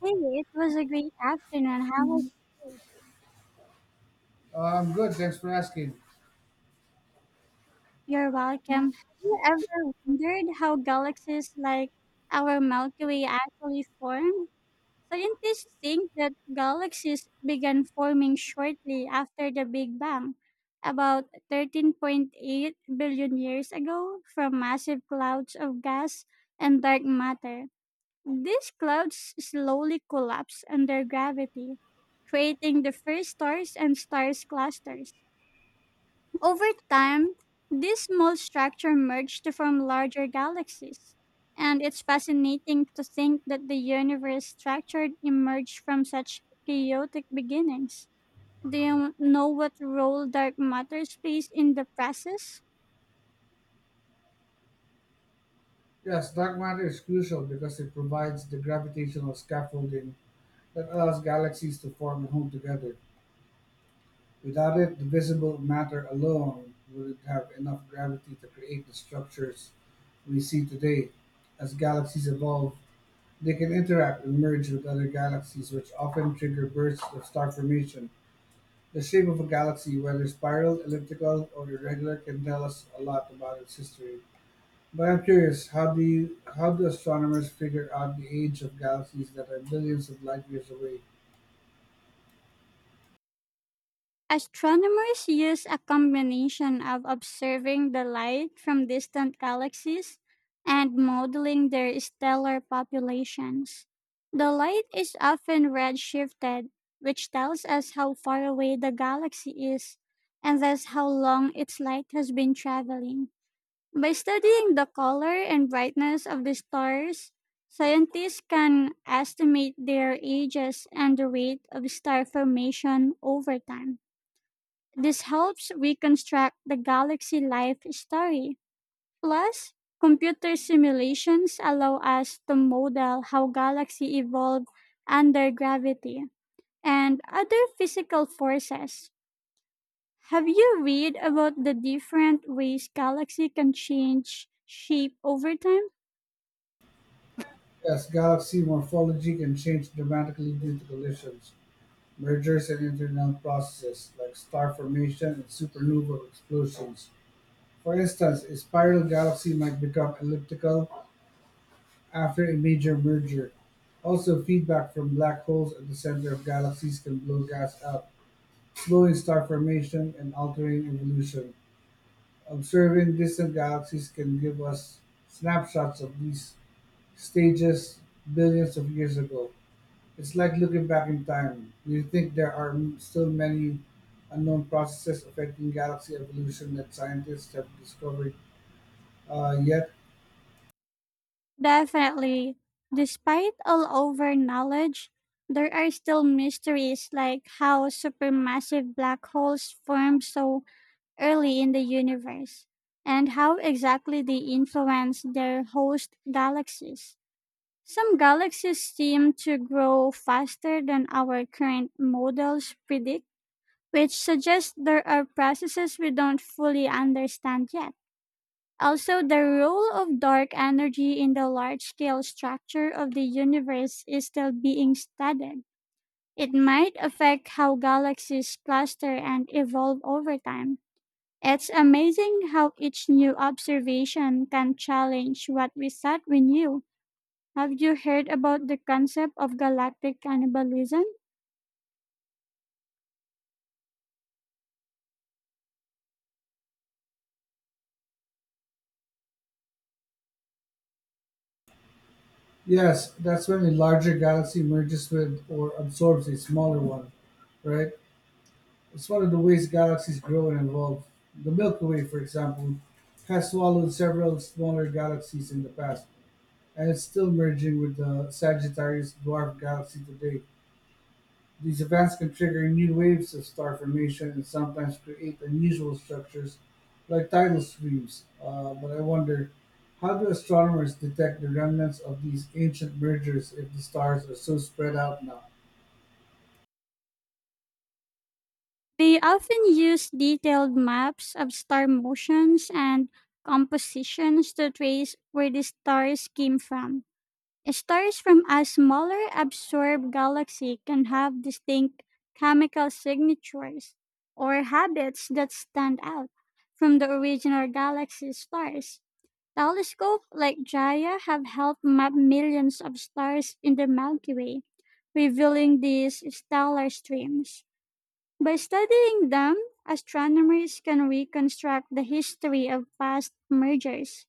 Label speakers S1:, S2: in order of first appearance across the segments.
S1: Hey, it was a great afternoon. How was you?
S2: I'm good, thanks for asking.
S1: You're welcome. Have you ever wondered how galaxies like our Milky Way actually formed? Scientists think that galaxies began forming shortly after the Big Bang, about 13.8 billion years ago, from massive clouds of gas and dark matter. These clouds slowly collapse under gravity, creating the first stars and stars clusters. Over time, these small structures merge to form larger galaxies. And it's fascinating to think that the universe structured emerged from such chaotic beginnings. Do you know what role dark matter plays in the process?
S2: Yes, dark matter is crucial because it provides the gravitational scaffolding that allows galaxies to form and hold together. Without it, the visible matter alone wouldn't have enough gravity to create the structures we see today. As galaxies evolve, they can interact and merge with other galaxies, which often trigger bursts of star formation. The shape of a galaxy, whether spiral, elliptical, or irregular, can tell us a lot about its history. But I'm curious, how do astronomers figure out the age of galaxies that are billions of light years away?
S1: Astronomers use a combination of observing the light from distant galaxies and modeling their stellar populations. The light is often redshifted, which tells us how far away the galaxy is and thus how long its light has been traveling. By studying the color and brightness of the stars, scientists can estimate their ages and the rate of star formation over time. This helps reconstruct the galaxy life story. Plus, computer simulations allow us to model how galaxy evolved under gravity and other physical forces. Have you read about the different ways galaxy can change shape over time?
S2: Yes, galaxy morphology can change dramatically due to collisions, mergers, and internal processes like star formation and supernova explosions. For instance, a spiral galaxy might become elliptical after a major merger. Also, feedback from black holes at the center of galaxies can blow gas out, slowing star formation and altering evolution. Observing distant galaxies can give us snapshots of these stages billions of years ago. It's like looking back in time. Do you think there are still many unknown processes affecting galaxy evolution that scientists have discovered yet?
S1: Definitely. Despite all our knowledge, there are still mysteries like how supermassive black holes form so early in the universe and how exactly they influence their host galaxies. Some galaxies seem to grow faster than our current models predict, which suggests there are processes we don't fully understand yet. Also, the role of dark energy in the large scale structure of the universe is still being studied. It might affect how galaxies cluster and evolve over time. It's amazing how each new observation can challenge what we thought we knew. Have you heard about the concept of galactic cannibalism?
S2: Yes, that's when a larger galaxy merges with or absorbs a smaller one, right? It's one of the ways galaxies grow and evolve. The Milky Way, for example, has swallowed several smaller galaxies in the past and is still merging with the Sagittarius dwarf galaxy today. These events can trigger new waves of star formation and sometimes create unusual structures like tidal streams. But I wonder, how do astronomers detect the remnants of these ancient mergers if the stars are so spread out now?
S1: They often use detailed maps of star motions and compositions to trace where the stars came from. Stars from a smaller absorbed galaxy can have distinct chemical signatures or habits that stand out from the original galaxy stars. Telescopes like Gaia have helped map millions of stars in the Milky Way, revealing these stellar streams. By studying them, astronomers can reconstruct the history of past mergers.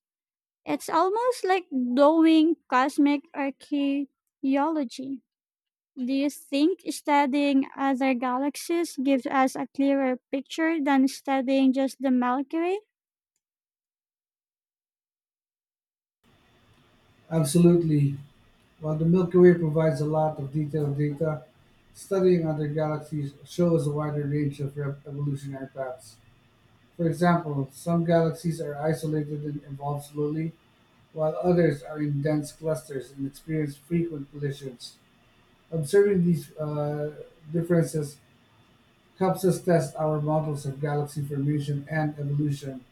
S1: It's almost like doing cosmic archaeology. Do you think studying other galaxies gives us a clearer picture than studying just the Milky Way?
S2: Absolutely. While the Milky Way provides a lot of detailed data, studying other galaxies shows a wider range of evolutionary paths. For example, some galaxies are isolated and evolve slowly, while others are in dense clusters and experience frequent collisions. Observing these differences helps us test our models of galaxy formation and evolution.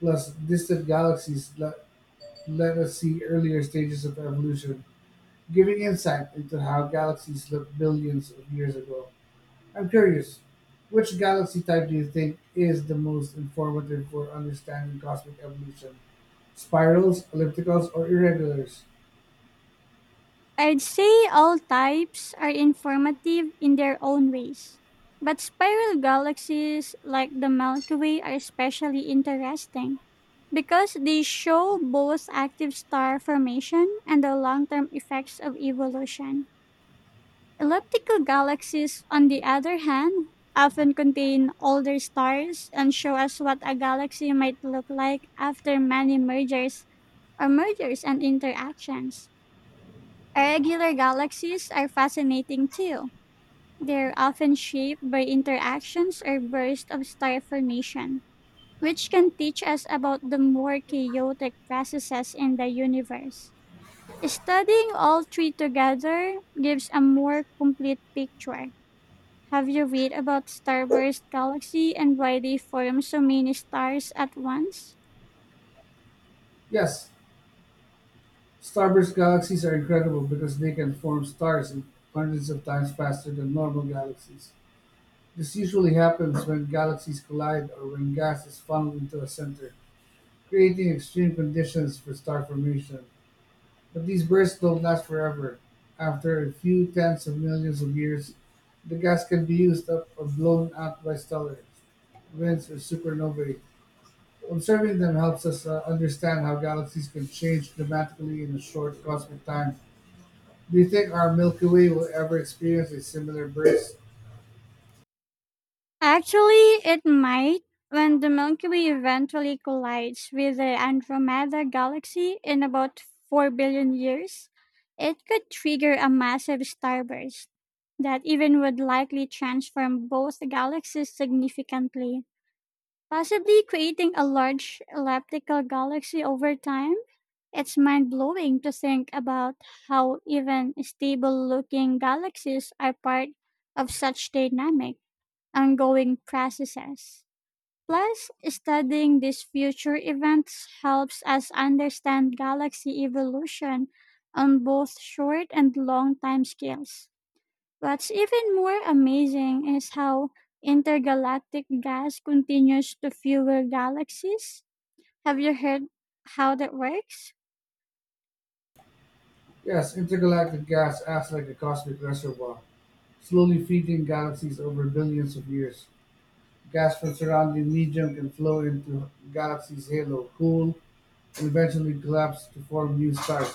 S2: Plus, distant galaxies let us see earlier stages of evolution, giving insight into how galaxies looked billions of years ago. I'm curious, which galaxy type do you think is the most informative for understanding cosmic evolution? Spirals, ellipticals, or irregulars?
S1: I'd say all types are informative in their own ways, but spiral galaxies like the Milky Way are especially interesting because they show both active star formation and the long term effects of evolution. Elliptical galaxies, on the other hand, often contain older stars and show us what a galaxy might look like after many mergers or mergers and interactions. Irregular galaxies are fascinating too. They're often shaped by interactions or bursts of star formation, which can teach us about the more chaotic processes in the universe. Studying all three together gives a more complete picture. Have you read about starburst galaxy and why they form so many stars at once?
S2: Yes, starburst galaxies are incredible because they can form stars in hundreds of times faster than normal galaxies. This usually happens when galaxies collide or when gas is funneled into a center, creating extreme conditions for star formation. But these bursts don't last forever. After a few tens of millions of years, the gas can be used up or blown out by stellar winds or supernovae. Observing them helps us understand how galaxies can change dramatically in a short cosmic time. Do you think our Milky Way will ever experience a similar burst?
S1: Actually, it might. When the Milky Way eventually collides with the Andromeda Galaxy in about 4 billion years, it could trigger a massive starburst that even would likely transform both galaxies significantly, possibly creating a large elliptical galaxy over time. It's mind blowing to think about how even stable looking galaxies are part of such dynamic ongoing processes. Plus, studying these future events helps us understand galaxy evolution on both short and long time scales. What's even more amazing is how intergalactic gas continues to fuel galaxies. Have you heard how that works?
S2: Yes, intergalactic gas acts like a cosmic reservoir, slowly feeding galaxies over billions of years. Gas from surrounding medium can flow into galaxy's halo, cool, and eventually collapse to form new stars.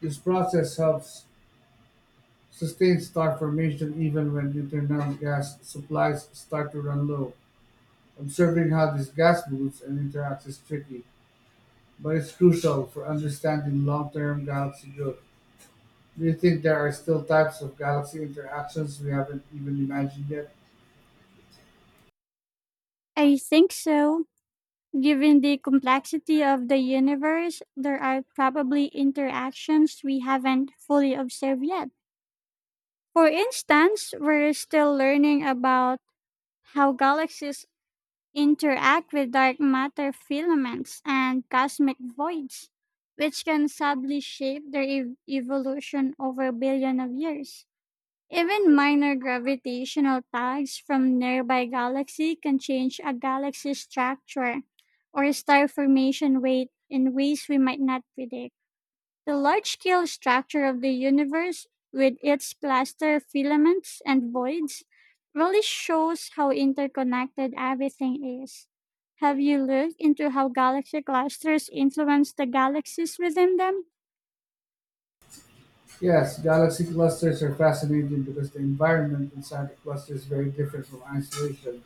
S2: This process helps sustain star formation even when internal gas supplies start to run low. Observing how this gas moves and interacts is tricky, but it's crucial for understanding long-term galaxy growth. Do you think there are still types of galaxy interactions we haven't even imagined yet?
S1: I think so. Given the complexity of the universe, there are probably interactions we haven't fully observed yet. For instance, we're still learning about how galaxies interact with dark matter filaments and cosmic voids, which can sadly shape their evolution over a billion of years. Even minor gravitational tags from nearby galaxy can change a galaxy's structure or star formation weight in ways we might not predict. The large scale structure of the universe, with its cluster filaments and voids, really shows how interconnected everything is. Have you looked into how galaxy clusters influence the galaxies within them?
S2: Yes, galaxy clusters are fascinating because the environment inside a cluster is very different from isolation.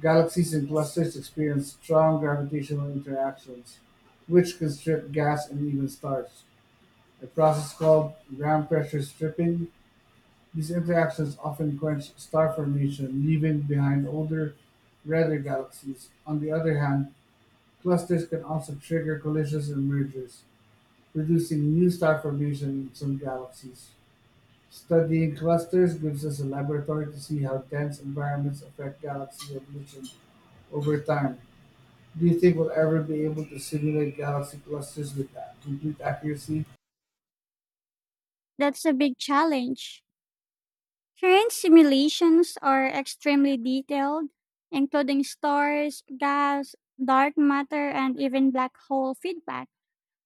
S2: Galaxies and clusters experience strong gravitational interactions, which can strip gas and even stars, a process called ground pressure stripping. These interactions often quench star formation, leaving behind older, redder galaxies. On the other hand, clusters can also trigger collisions and mergers, producing new star formation in some galaxies. Studying clusters gives us a laboratory to see how dense environments affect galaxy evolution over time. Do you think we'll ever be able to simulate galaxy clusters with complete accuracy?
S1: That's a big challenge. Current simulations are extremely detailed, including stars, gas, dark matter, and even black hole feedback.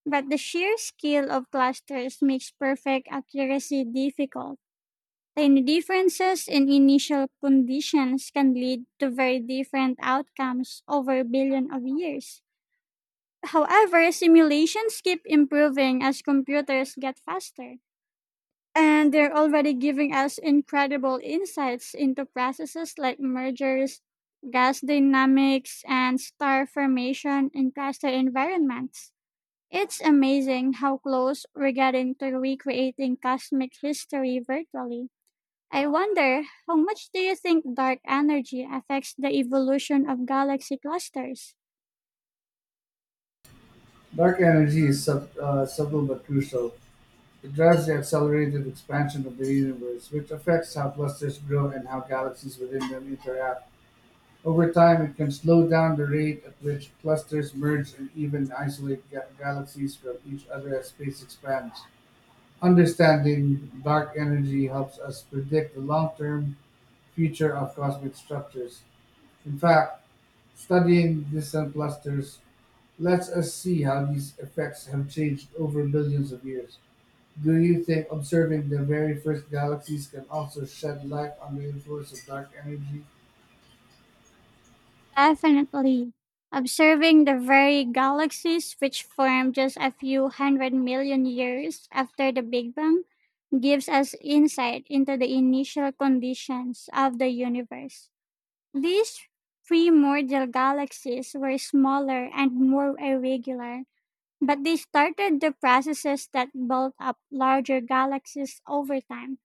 S1: But the sheer scale of clusters makes perfect accuracy difficult. Tiny differences in initial conditions can lead to very different outcomes over a billion of years. However, simulations keep improving as computers get faster, and they're already giving us incredible insights into processes like mergers, gas dynamics, and star formation in cluster environments. It's amazing how close we're getting to recreating cosmic history virtually. I wonder how much do you think dark energy affects the evolution of galaxy clusters?
S2: Dark energy is subtle but crucial. It drives the accelerated expansion of the universe, which affects how clusters grow and how galaxies within them interact. Over time, it can slow down the rate at which clusters merge and even isolate galaxies from each other as space expands. Understanding dark energy helps us predict the long term future of cosmic structures. In fact, studying distant clusters lets us see how these effects have changed over billions of years. Do you think observing the very first galaxies can also shed light on the influence of dark energy?
S1: Definitely. Observing the very galaxies which formed just a few hundred million years after the Big Bang gives us insight into the initial conditions of the universe. These primordial galaxies were smaller and more irregular, but they started the processes that built up larger galaxies over time.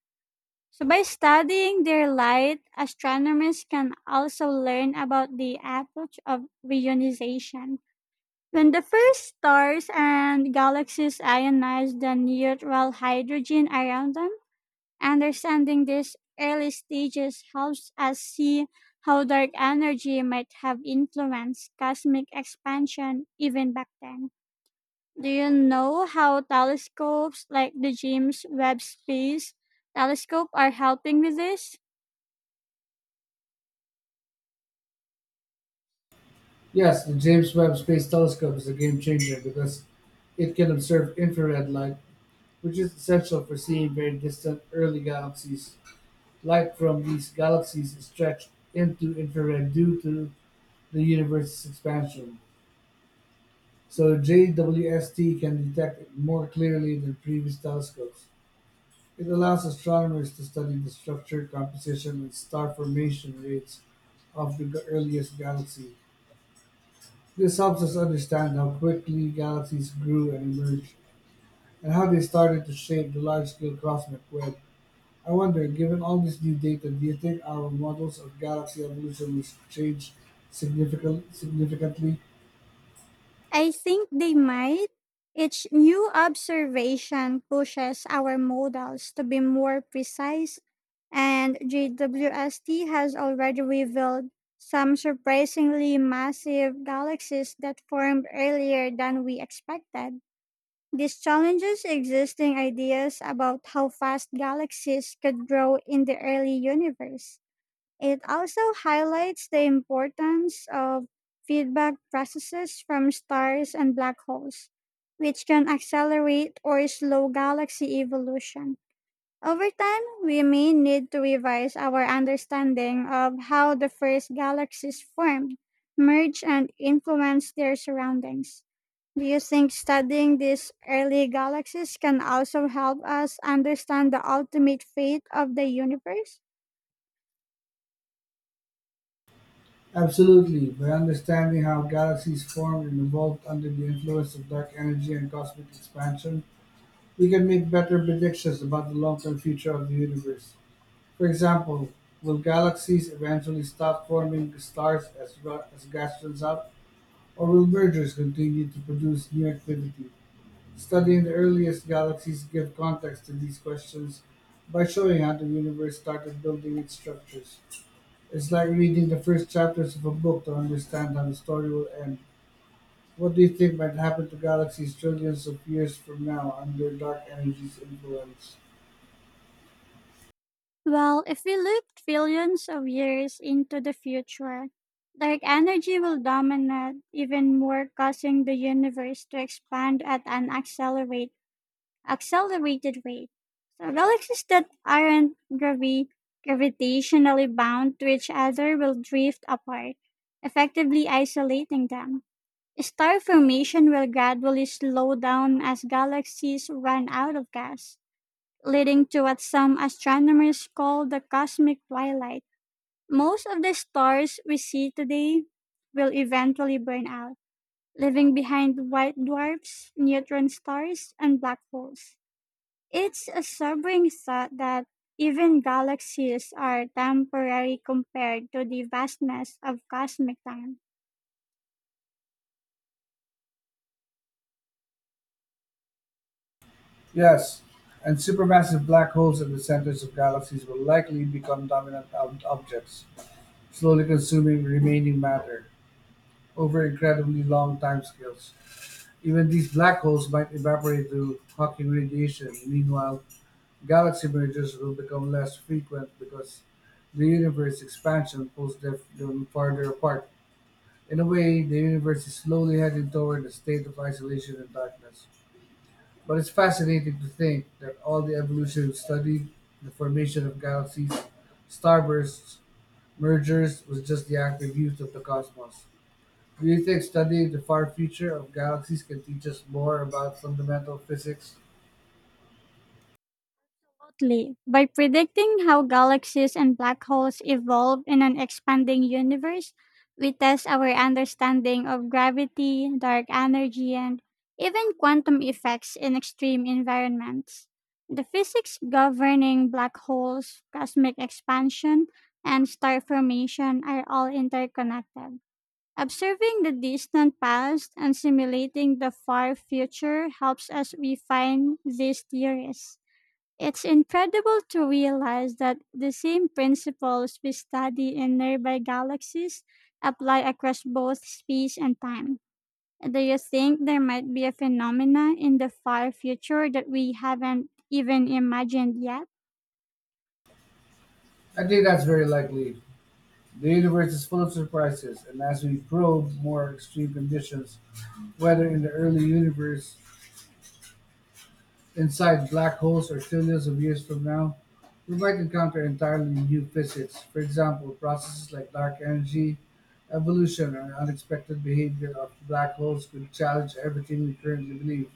S1: So by studying their light, astronomers can also learn about the approach of reionization. When the first stars and galaxies ionize the neutral hydrogen around them, understanding these early stages helps us see how dark energy might have influenced cosmic expansion even back then. Do you know how telescopes like the James Webb Space Telescope are helping with this?
S2: Yes, the James Webb Space Telescope is a game changer because it can observe infrared light, which is essential for seeing very distant early galaxies. Light from these galaxies is stretched into infrared due to the universe's expansion, so JWST can detect it more clearly than previous telescopes. It allows astronomers to study the structure, composition, and star formation rates of the earliest galaxy. This helps us understand how quickly galaxies grew and emerged, and how they started to shape the large scale cosmic web. I wonder, given all this new data, do you think our models of galaxy evolution will change significantly?
S1: I think they might. Each new observation pushes our models to be more precise, and JWST has already revealed some surprisingly massive galaxies that formed earlier than we expected. This challenges existing ideas about how fast galaxies could grow in the early universe. It also highlights the importance of feedback processes from stars and black holes, which can accelerate or slow galaxy evolution. Over time, we may need to revise our understanding of how the first galaxies formed, merged, and influenced their surroundings. Do you think studying these early galaxies can also help us understand the ultimate fate of the universe?
S2: Absolutely. By understanding how galaxies formed and evolved under the influence of dark energy and cosmic expansion, we can make better predictions about the long-term future of the universe. For example, will galaxies eventually stop forming stars as gas runs out, or will mergers continue to produce new activity? Studying the earliest galaxies give context to these questions by showing how the universe started building its structures. It's like reading the first chapters of a book to understand how the story will end. What do you think might happen to galaxies trillions of years from now under dark energy's influence?
S1: Well, if we look trillions of years into the future, dark energy will dominate even more, causing the universe to expand at an accelerated rate. So, galaxies that aren't gravitationally bound to each other will drift apart, effectively isolating them. Star formation will gradually slow down as galaxies run out of gas leading to what some astronomers call the cosmic twilight. Most of the stars we see today will eventually burn out, leaving behind white dwarfs, neutron stars, and black holes. It's a sobering thought that even galaxies are temporary compared to the vastness of cosmic time.
S2: Yes, and supermassive black holes at the centers of galaxies will likely become dominant objects, slowly consuming remaining matter over incredibly long timescales. Even these black holes might evaporate through Hawking radiation. Meanwhile, galaxy mergers will become less frequent because the universe expansion pulls them farther apart. In a way, the universe is slowly heading toward a state of isolation and darkness. But it's fascinating to think that all the evolution studied the formation of galaxies, starbursts, mergers was just the active use of the cosmos. Do you think studying the far future of galaxies can teach us more about fundamental physics?
S1: Totally. By predicting how galaxies and black holes evolve in an expanding universe, we test our understanding of gravity, dark energy, and even quantum effects in extreme environments. The physics governing black holes, cosmic expansion, and star formation are all interconnected. Observing the distant past and simulating the far future helps us refine these theories. It's incredible to realize that the same principles we study in nearby galaxies apply across both space and time. Do you think there might be a phenomena in the far future that we haven't even imagined yet?
S2: I think that's very likely. The universe is full of surprises, and as we probe more extreme conditions, whether in the early universe inside black holes are trillions of years from now, we might encounter entirely new physics. For example, processes like dark energy, evolution, or unexpected behavior of black holes could challenge everything we currently believe.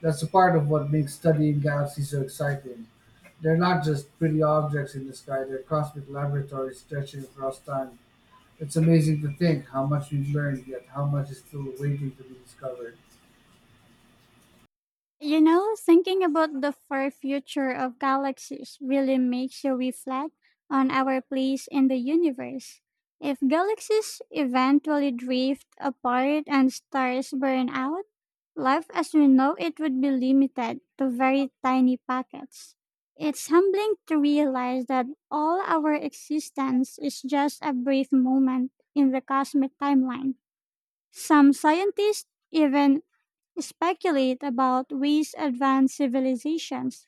S2: That's a part of what makes studying galaxies so exciting. They're not just pretty objects in the sky, they're cosmic laboratories stretching across time. It's amazing to think how much we've learned, yet how much is still waiting to be discovered.
S1: You know, thinking about the far future of galaxies really makes you reflect on our place in the universe. If galaxies eventually drift apart and stars burn out, life as we know it would be limited to very tiny pockets. It's humbling to realize that all our existence is just a brief moment in the cosmic timeline. Some scientists even speculate about ways advanced civilizations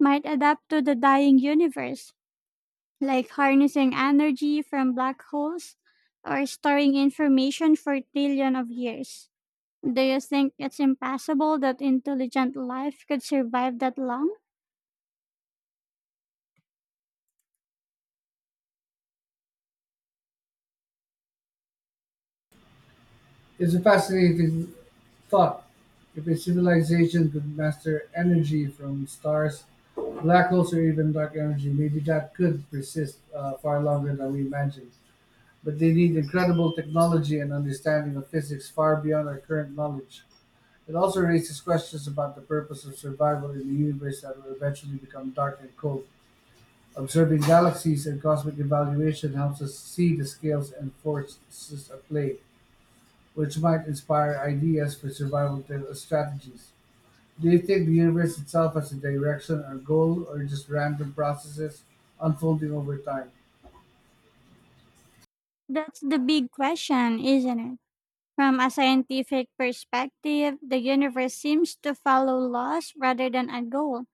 S1: might adapt to the dying universe, like harnessing energy from black holes or storing information for trillion of years. Do you think it's impossible that intelligent life could survive that long?
S2: It's a fascinating thought if a civilization could master energy from stars, black holes, or even dark energy. Maybe that could persist far longer than we imagine. But they need incredible technology and understanding of physics far beyond our current knowledge. It also raises questions about the purpose of survival in a universe that will eventually become dark and cold. Observing galaxies and cosmic evaluation helps us see the scales and forces at play which might inspire ideas for survival strategies. Do you think the universe itself has a direction or goal, or just random processes unfolding over time?
S1: That's the big question, isn't it? From a scientific perspective, the universe seems to follow laws rather than a goal.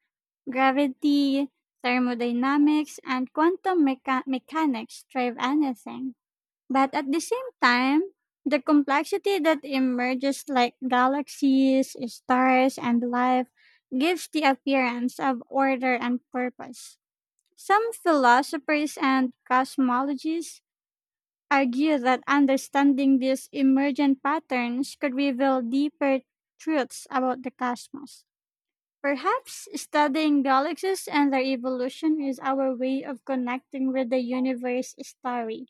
S1: Gravity, thermodynamics, and quantum mechanics drive anything. But at the same time, the complexity that emerges like galaxies, stars, and life gives the appearance of order and purpose. Some philosophers and cosmologists argue that understanding these emergent patterns could reveal deeper truths about the cosmos. Perhaps studying galaxies and their evolution is our way of connecting with the universe story.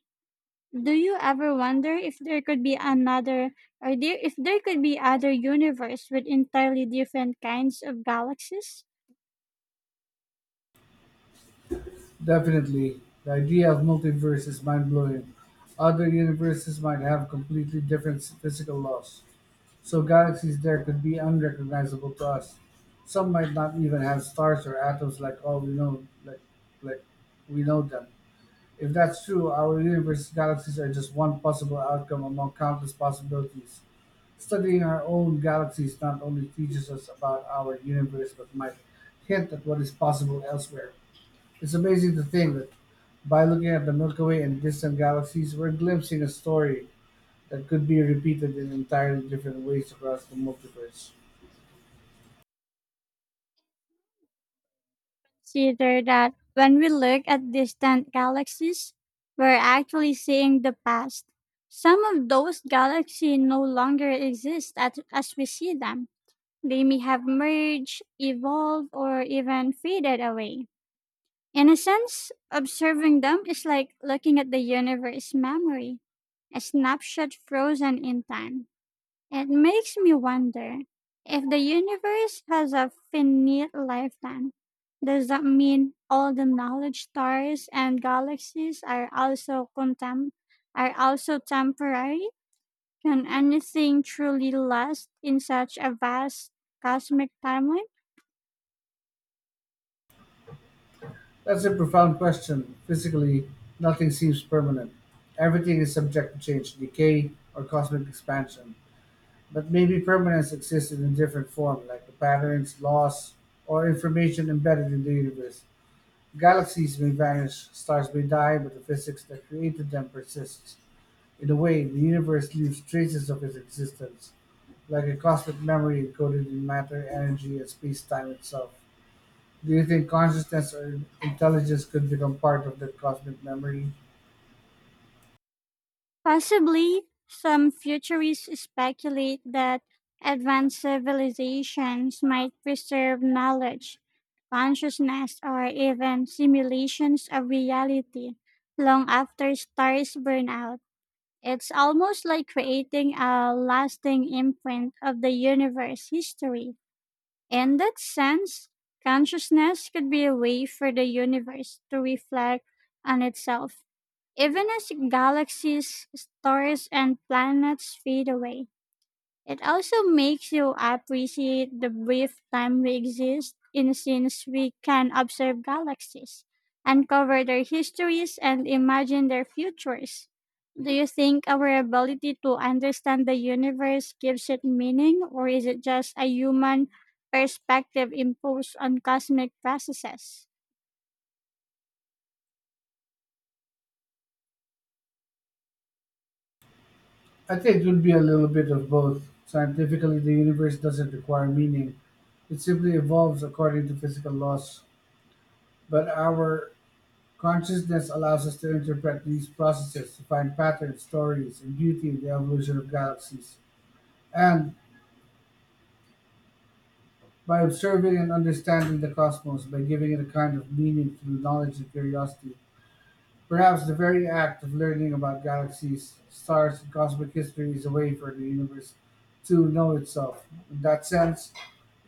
S1: Do you ever wonder if there could be if there could be other universe with entirely different kinds of galaxies?
S2: Definitely. The idea of multiverse is mind blowing. Other universes might have completely different physical laws, so galaxies there could be unrecognizable to us. Some might not even have stars or atoms like all we know, like we know them. If that's true, our universe's galaxies are just one possible outcome among countless possibilities. Studying our own galaxies not only teaches us about our universe but might hint at what is possible elsewhere. It's amazing to think that by looking at the Milky Way and distant galaxies, we're glimpsing a story that could be repeated in entirely different ways across the multiverse.
S1: Consider that when we look at distant galaxies, we're actually seeing the past. Some of those galaxies no longer as we see them. They may have merged, evolved, or even faded away. In a sense, observing them is like looking at the universe memory, a snapshot frozen in time. It makes me wonder if the universe has a finite lifetime. Does that mean all the knowledge stars and galaxies are are also temporary? Can anything truly last in such a vast cosmic timeline?
S2: That's a profound question. Physically, nothing seems permanent. Everything is subject to change, decay, or cosmic expansion. But maybe permanence existed in different form, like the patterns, laws, or information embedded in the universe. Galaxies may vanish, stars may die, but the physics that created them persists. In a way, the universe leaves traces of its existence, like a cosmic memory encoded in matter, energy, and space time itself. Do you think consciousness or intelligence could become part of that cosmic memory?
S1: Possibly, some futurists speculate that advanced civilizations might preserve knowledge, consciousness, or even simulations of reality long after stars burn out. It's almost like creating a lasting imprint of the universe history. In that sense, consciousness could be a way for the universe to reflect on itself even as galaxies, stars, and planets fade away. It also makes you appreciate the brief time we exist in since we can observe galaxies, uncover their histories, and imagine their futures. Do you think our ability to understand the universe gives it meaning, or is it just a human perspective imposed on cosmic processes?
S2: I think it would be a little bit of both. Scientifically, the universe doesn't require meaning, it simply evolves according to physical laws, but our consciousness allows us to interpret these processes, to find patterns, stories, and beauty in the evolution of galaxies. And by observing and understanding the cosmos, by giving it a kind of meaning through knowledge and curiosity, perhaps the very act of learning about galaxies, stars, and cosmic history is a way for the universe to know itself. In that sense,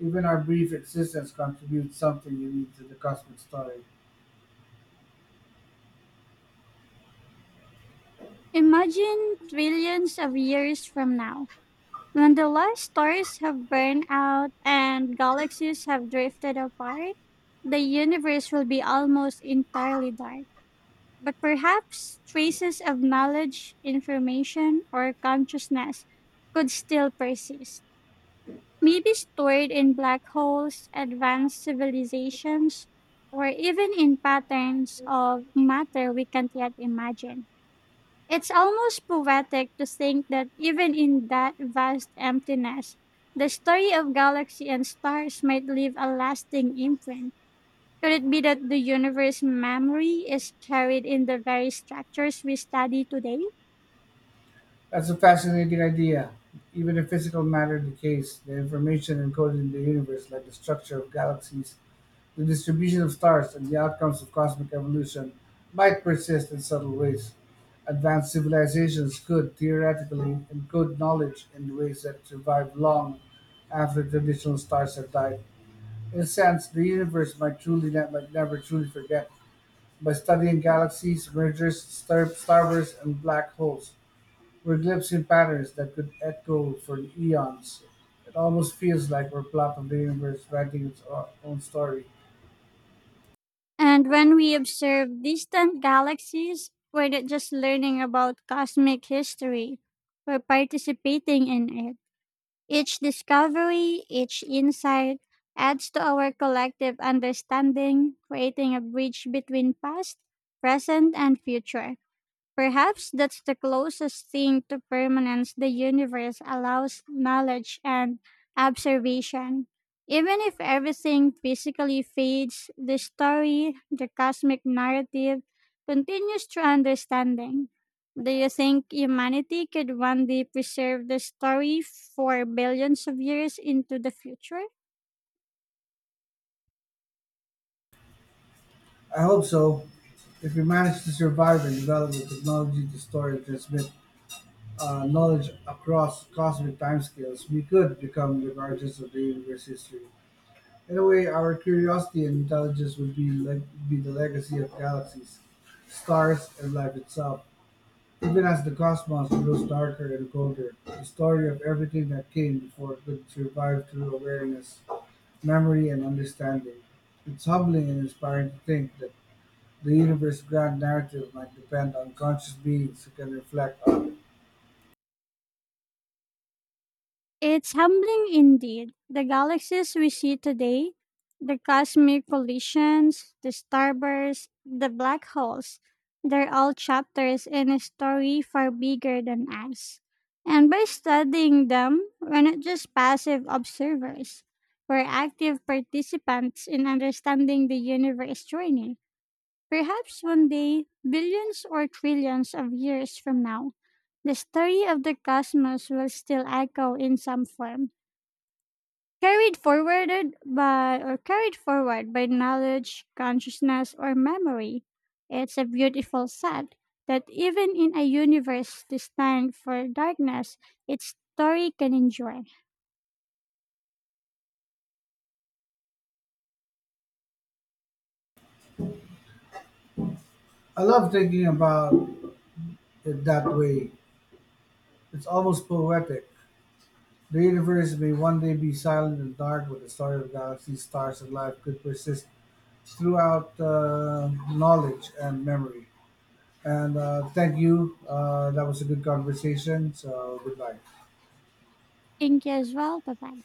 S2: even our brief existence contributes something unique to the cosmic story.
S1: Imagine trillions of years from now. When the life stars have burned out and galaxies have drifted apart, the universe will be almost entirely dark. But perhaps traces of knowledge, information, or consciousness could still persist. Maybe stored in black holes, advanced civilizations, or even in patterns of matter we can't yet imagine. It's almost poetic to think that even in that vast emptiness, the story of galaxy and stars might leave a lasting imprint. Could it be that the universe memory is carried in the very structures we study today?
S2: That's a fascinating idea. Even if physical matter decays, the information encoded in the universe, like the structure of galaxies, the distribution of stars, and the outcomes of cosmic evolution, might persist in subtle ways. Advanced civilizations could theoretically encode knowledge in ways that survive long after traditional stars have died. In a sense, the universe might never truly forget by studying galaxies, mergers, starbursts, and black holes. We're glimpsing patterns that could echo for eons. It almost feels like we're part of the universe writing its own story.
S1: And when we observe distant galaxies, we're not just learning about cosmic history, we're participating in it. Each discovery, each insight adds to our collective understanding, creating a bridge between past, present, and future. Perhaps that's the closest thing to permanence the universe allows knowledge and observation. Even if everything physically fades, the story, the cosmic narrative, continues through understanding. Do you think humanity could one day preserve the story for billions of years into the future?
S2: I hope so. If we manage to survive and develop the technology to store and transmit knowledge across cosmic timescales, we could become the guardians of the universe's history. In a way, our curiosity and intelligence would be, leg be the legacy of galaxies, stars, and life itself. Even as the cosmos grows darker and colder, the story of everything that came before could survive through awareness, memory, and understanding. It's humbling and inspiring to think that the universe's grand narrative might depend on conscious beings who can reflect on it.
S1: It's humbling indeed. The galaxies we see today, the cosmic collisions, the starbursts, the black holes, they're all chapters in a story far bigger than us. And by studying them, we're not just passive observers, we're active participants in understanding the universe journey. Perhaps one day, billions or trillions of years from now, the story of the cosmos will still echo in some form, carried forward by knowledge, consciousness or memory. It's a beautiful set that even in a universe destined for darkness, its story can endure.
S2: I love thinking about it that way. It's almost poetic. The universe may one day be silent and dark, but the story of galaxies, stars, and life could persist throughout knowledge and memory. And thank you. That was a good conversation. So goodbye.
S1: Thank you as well. Bye bye.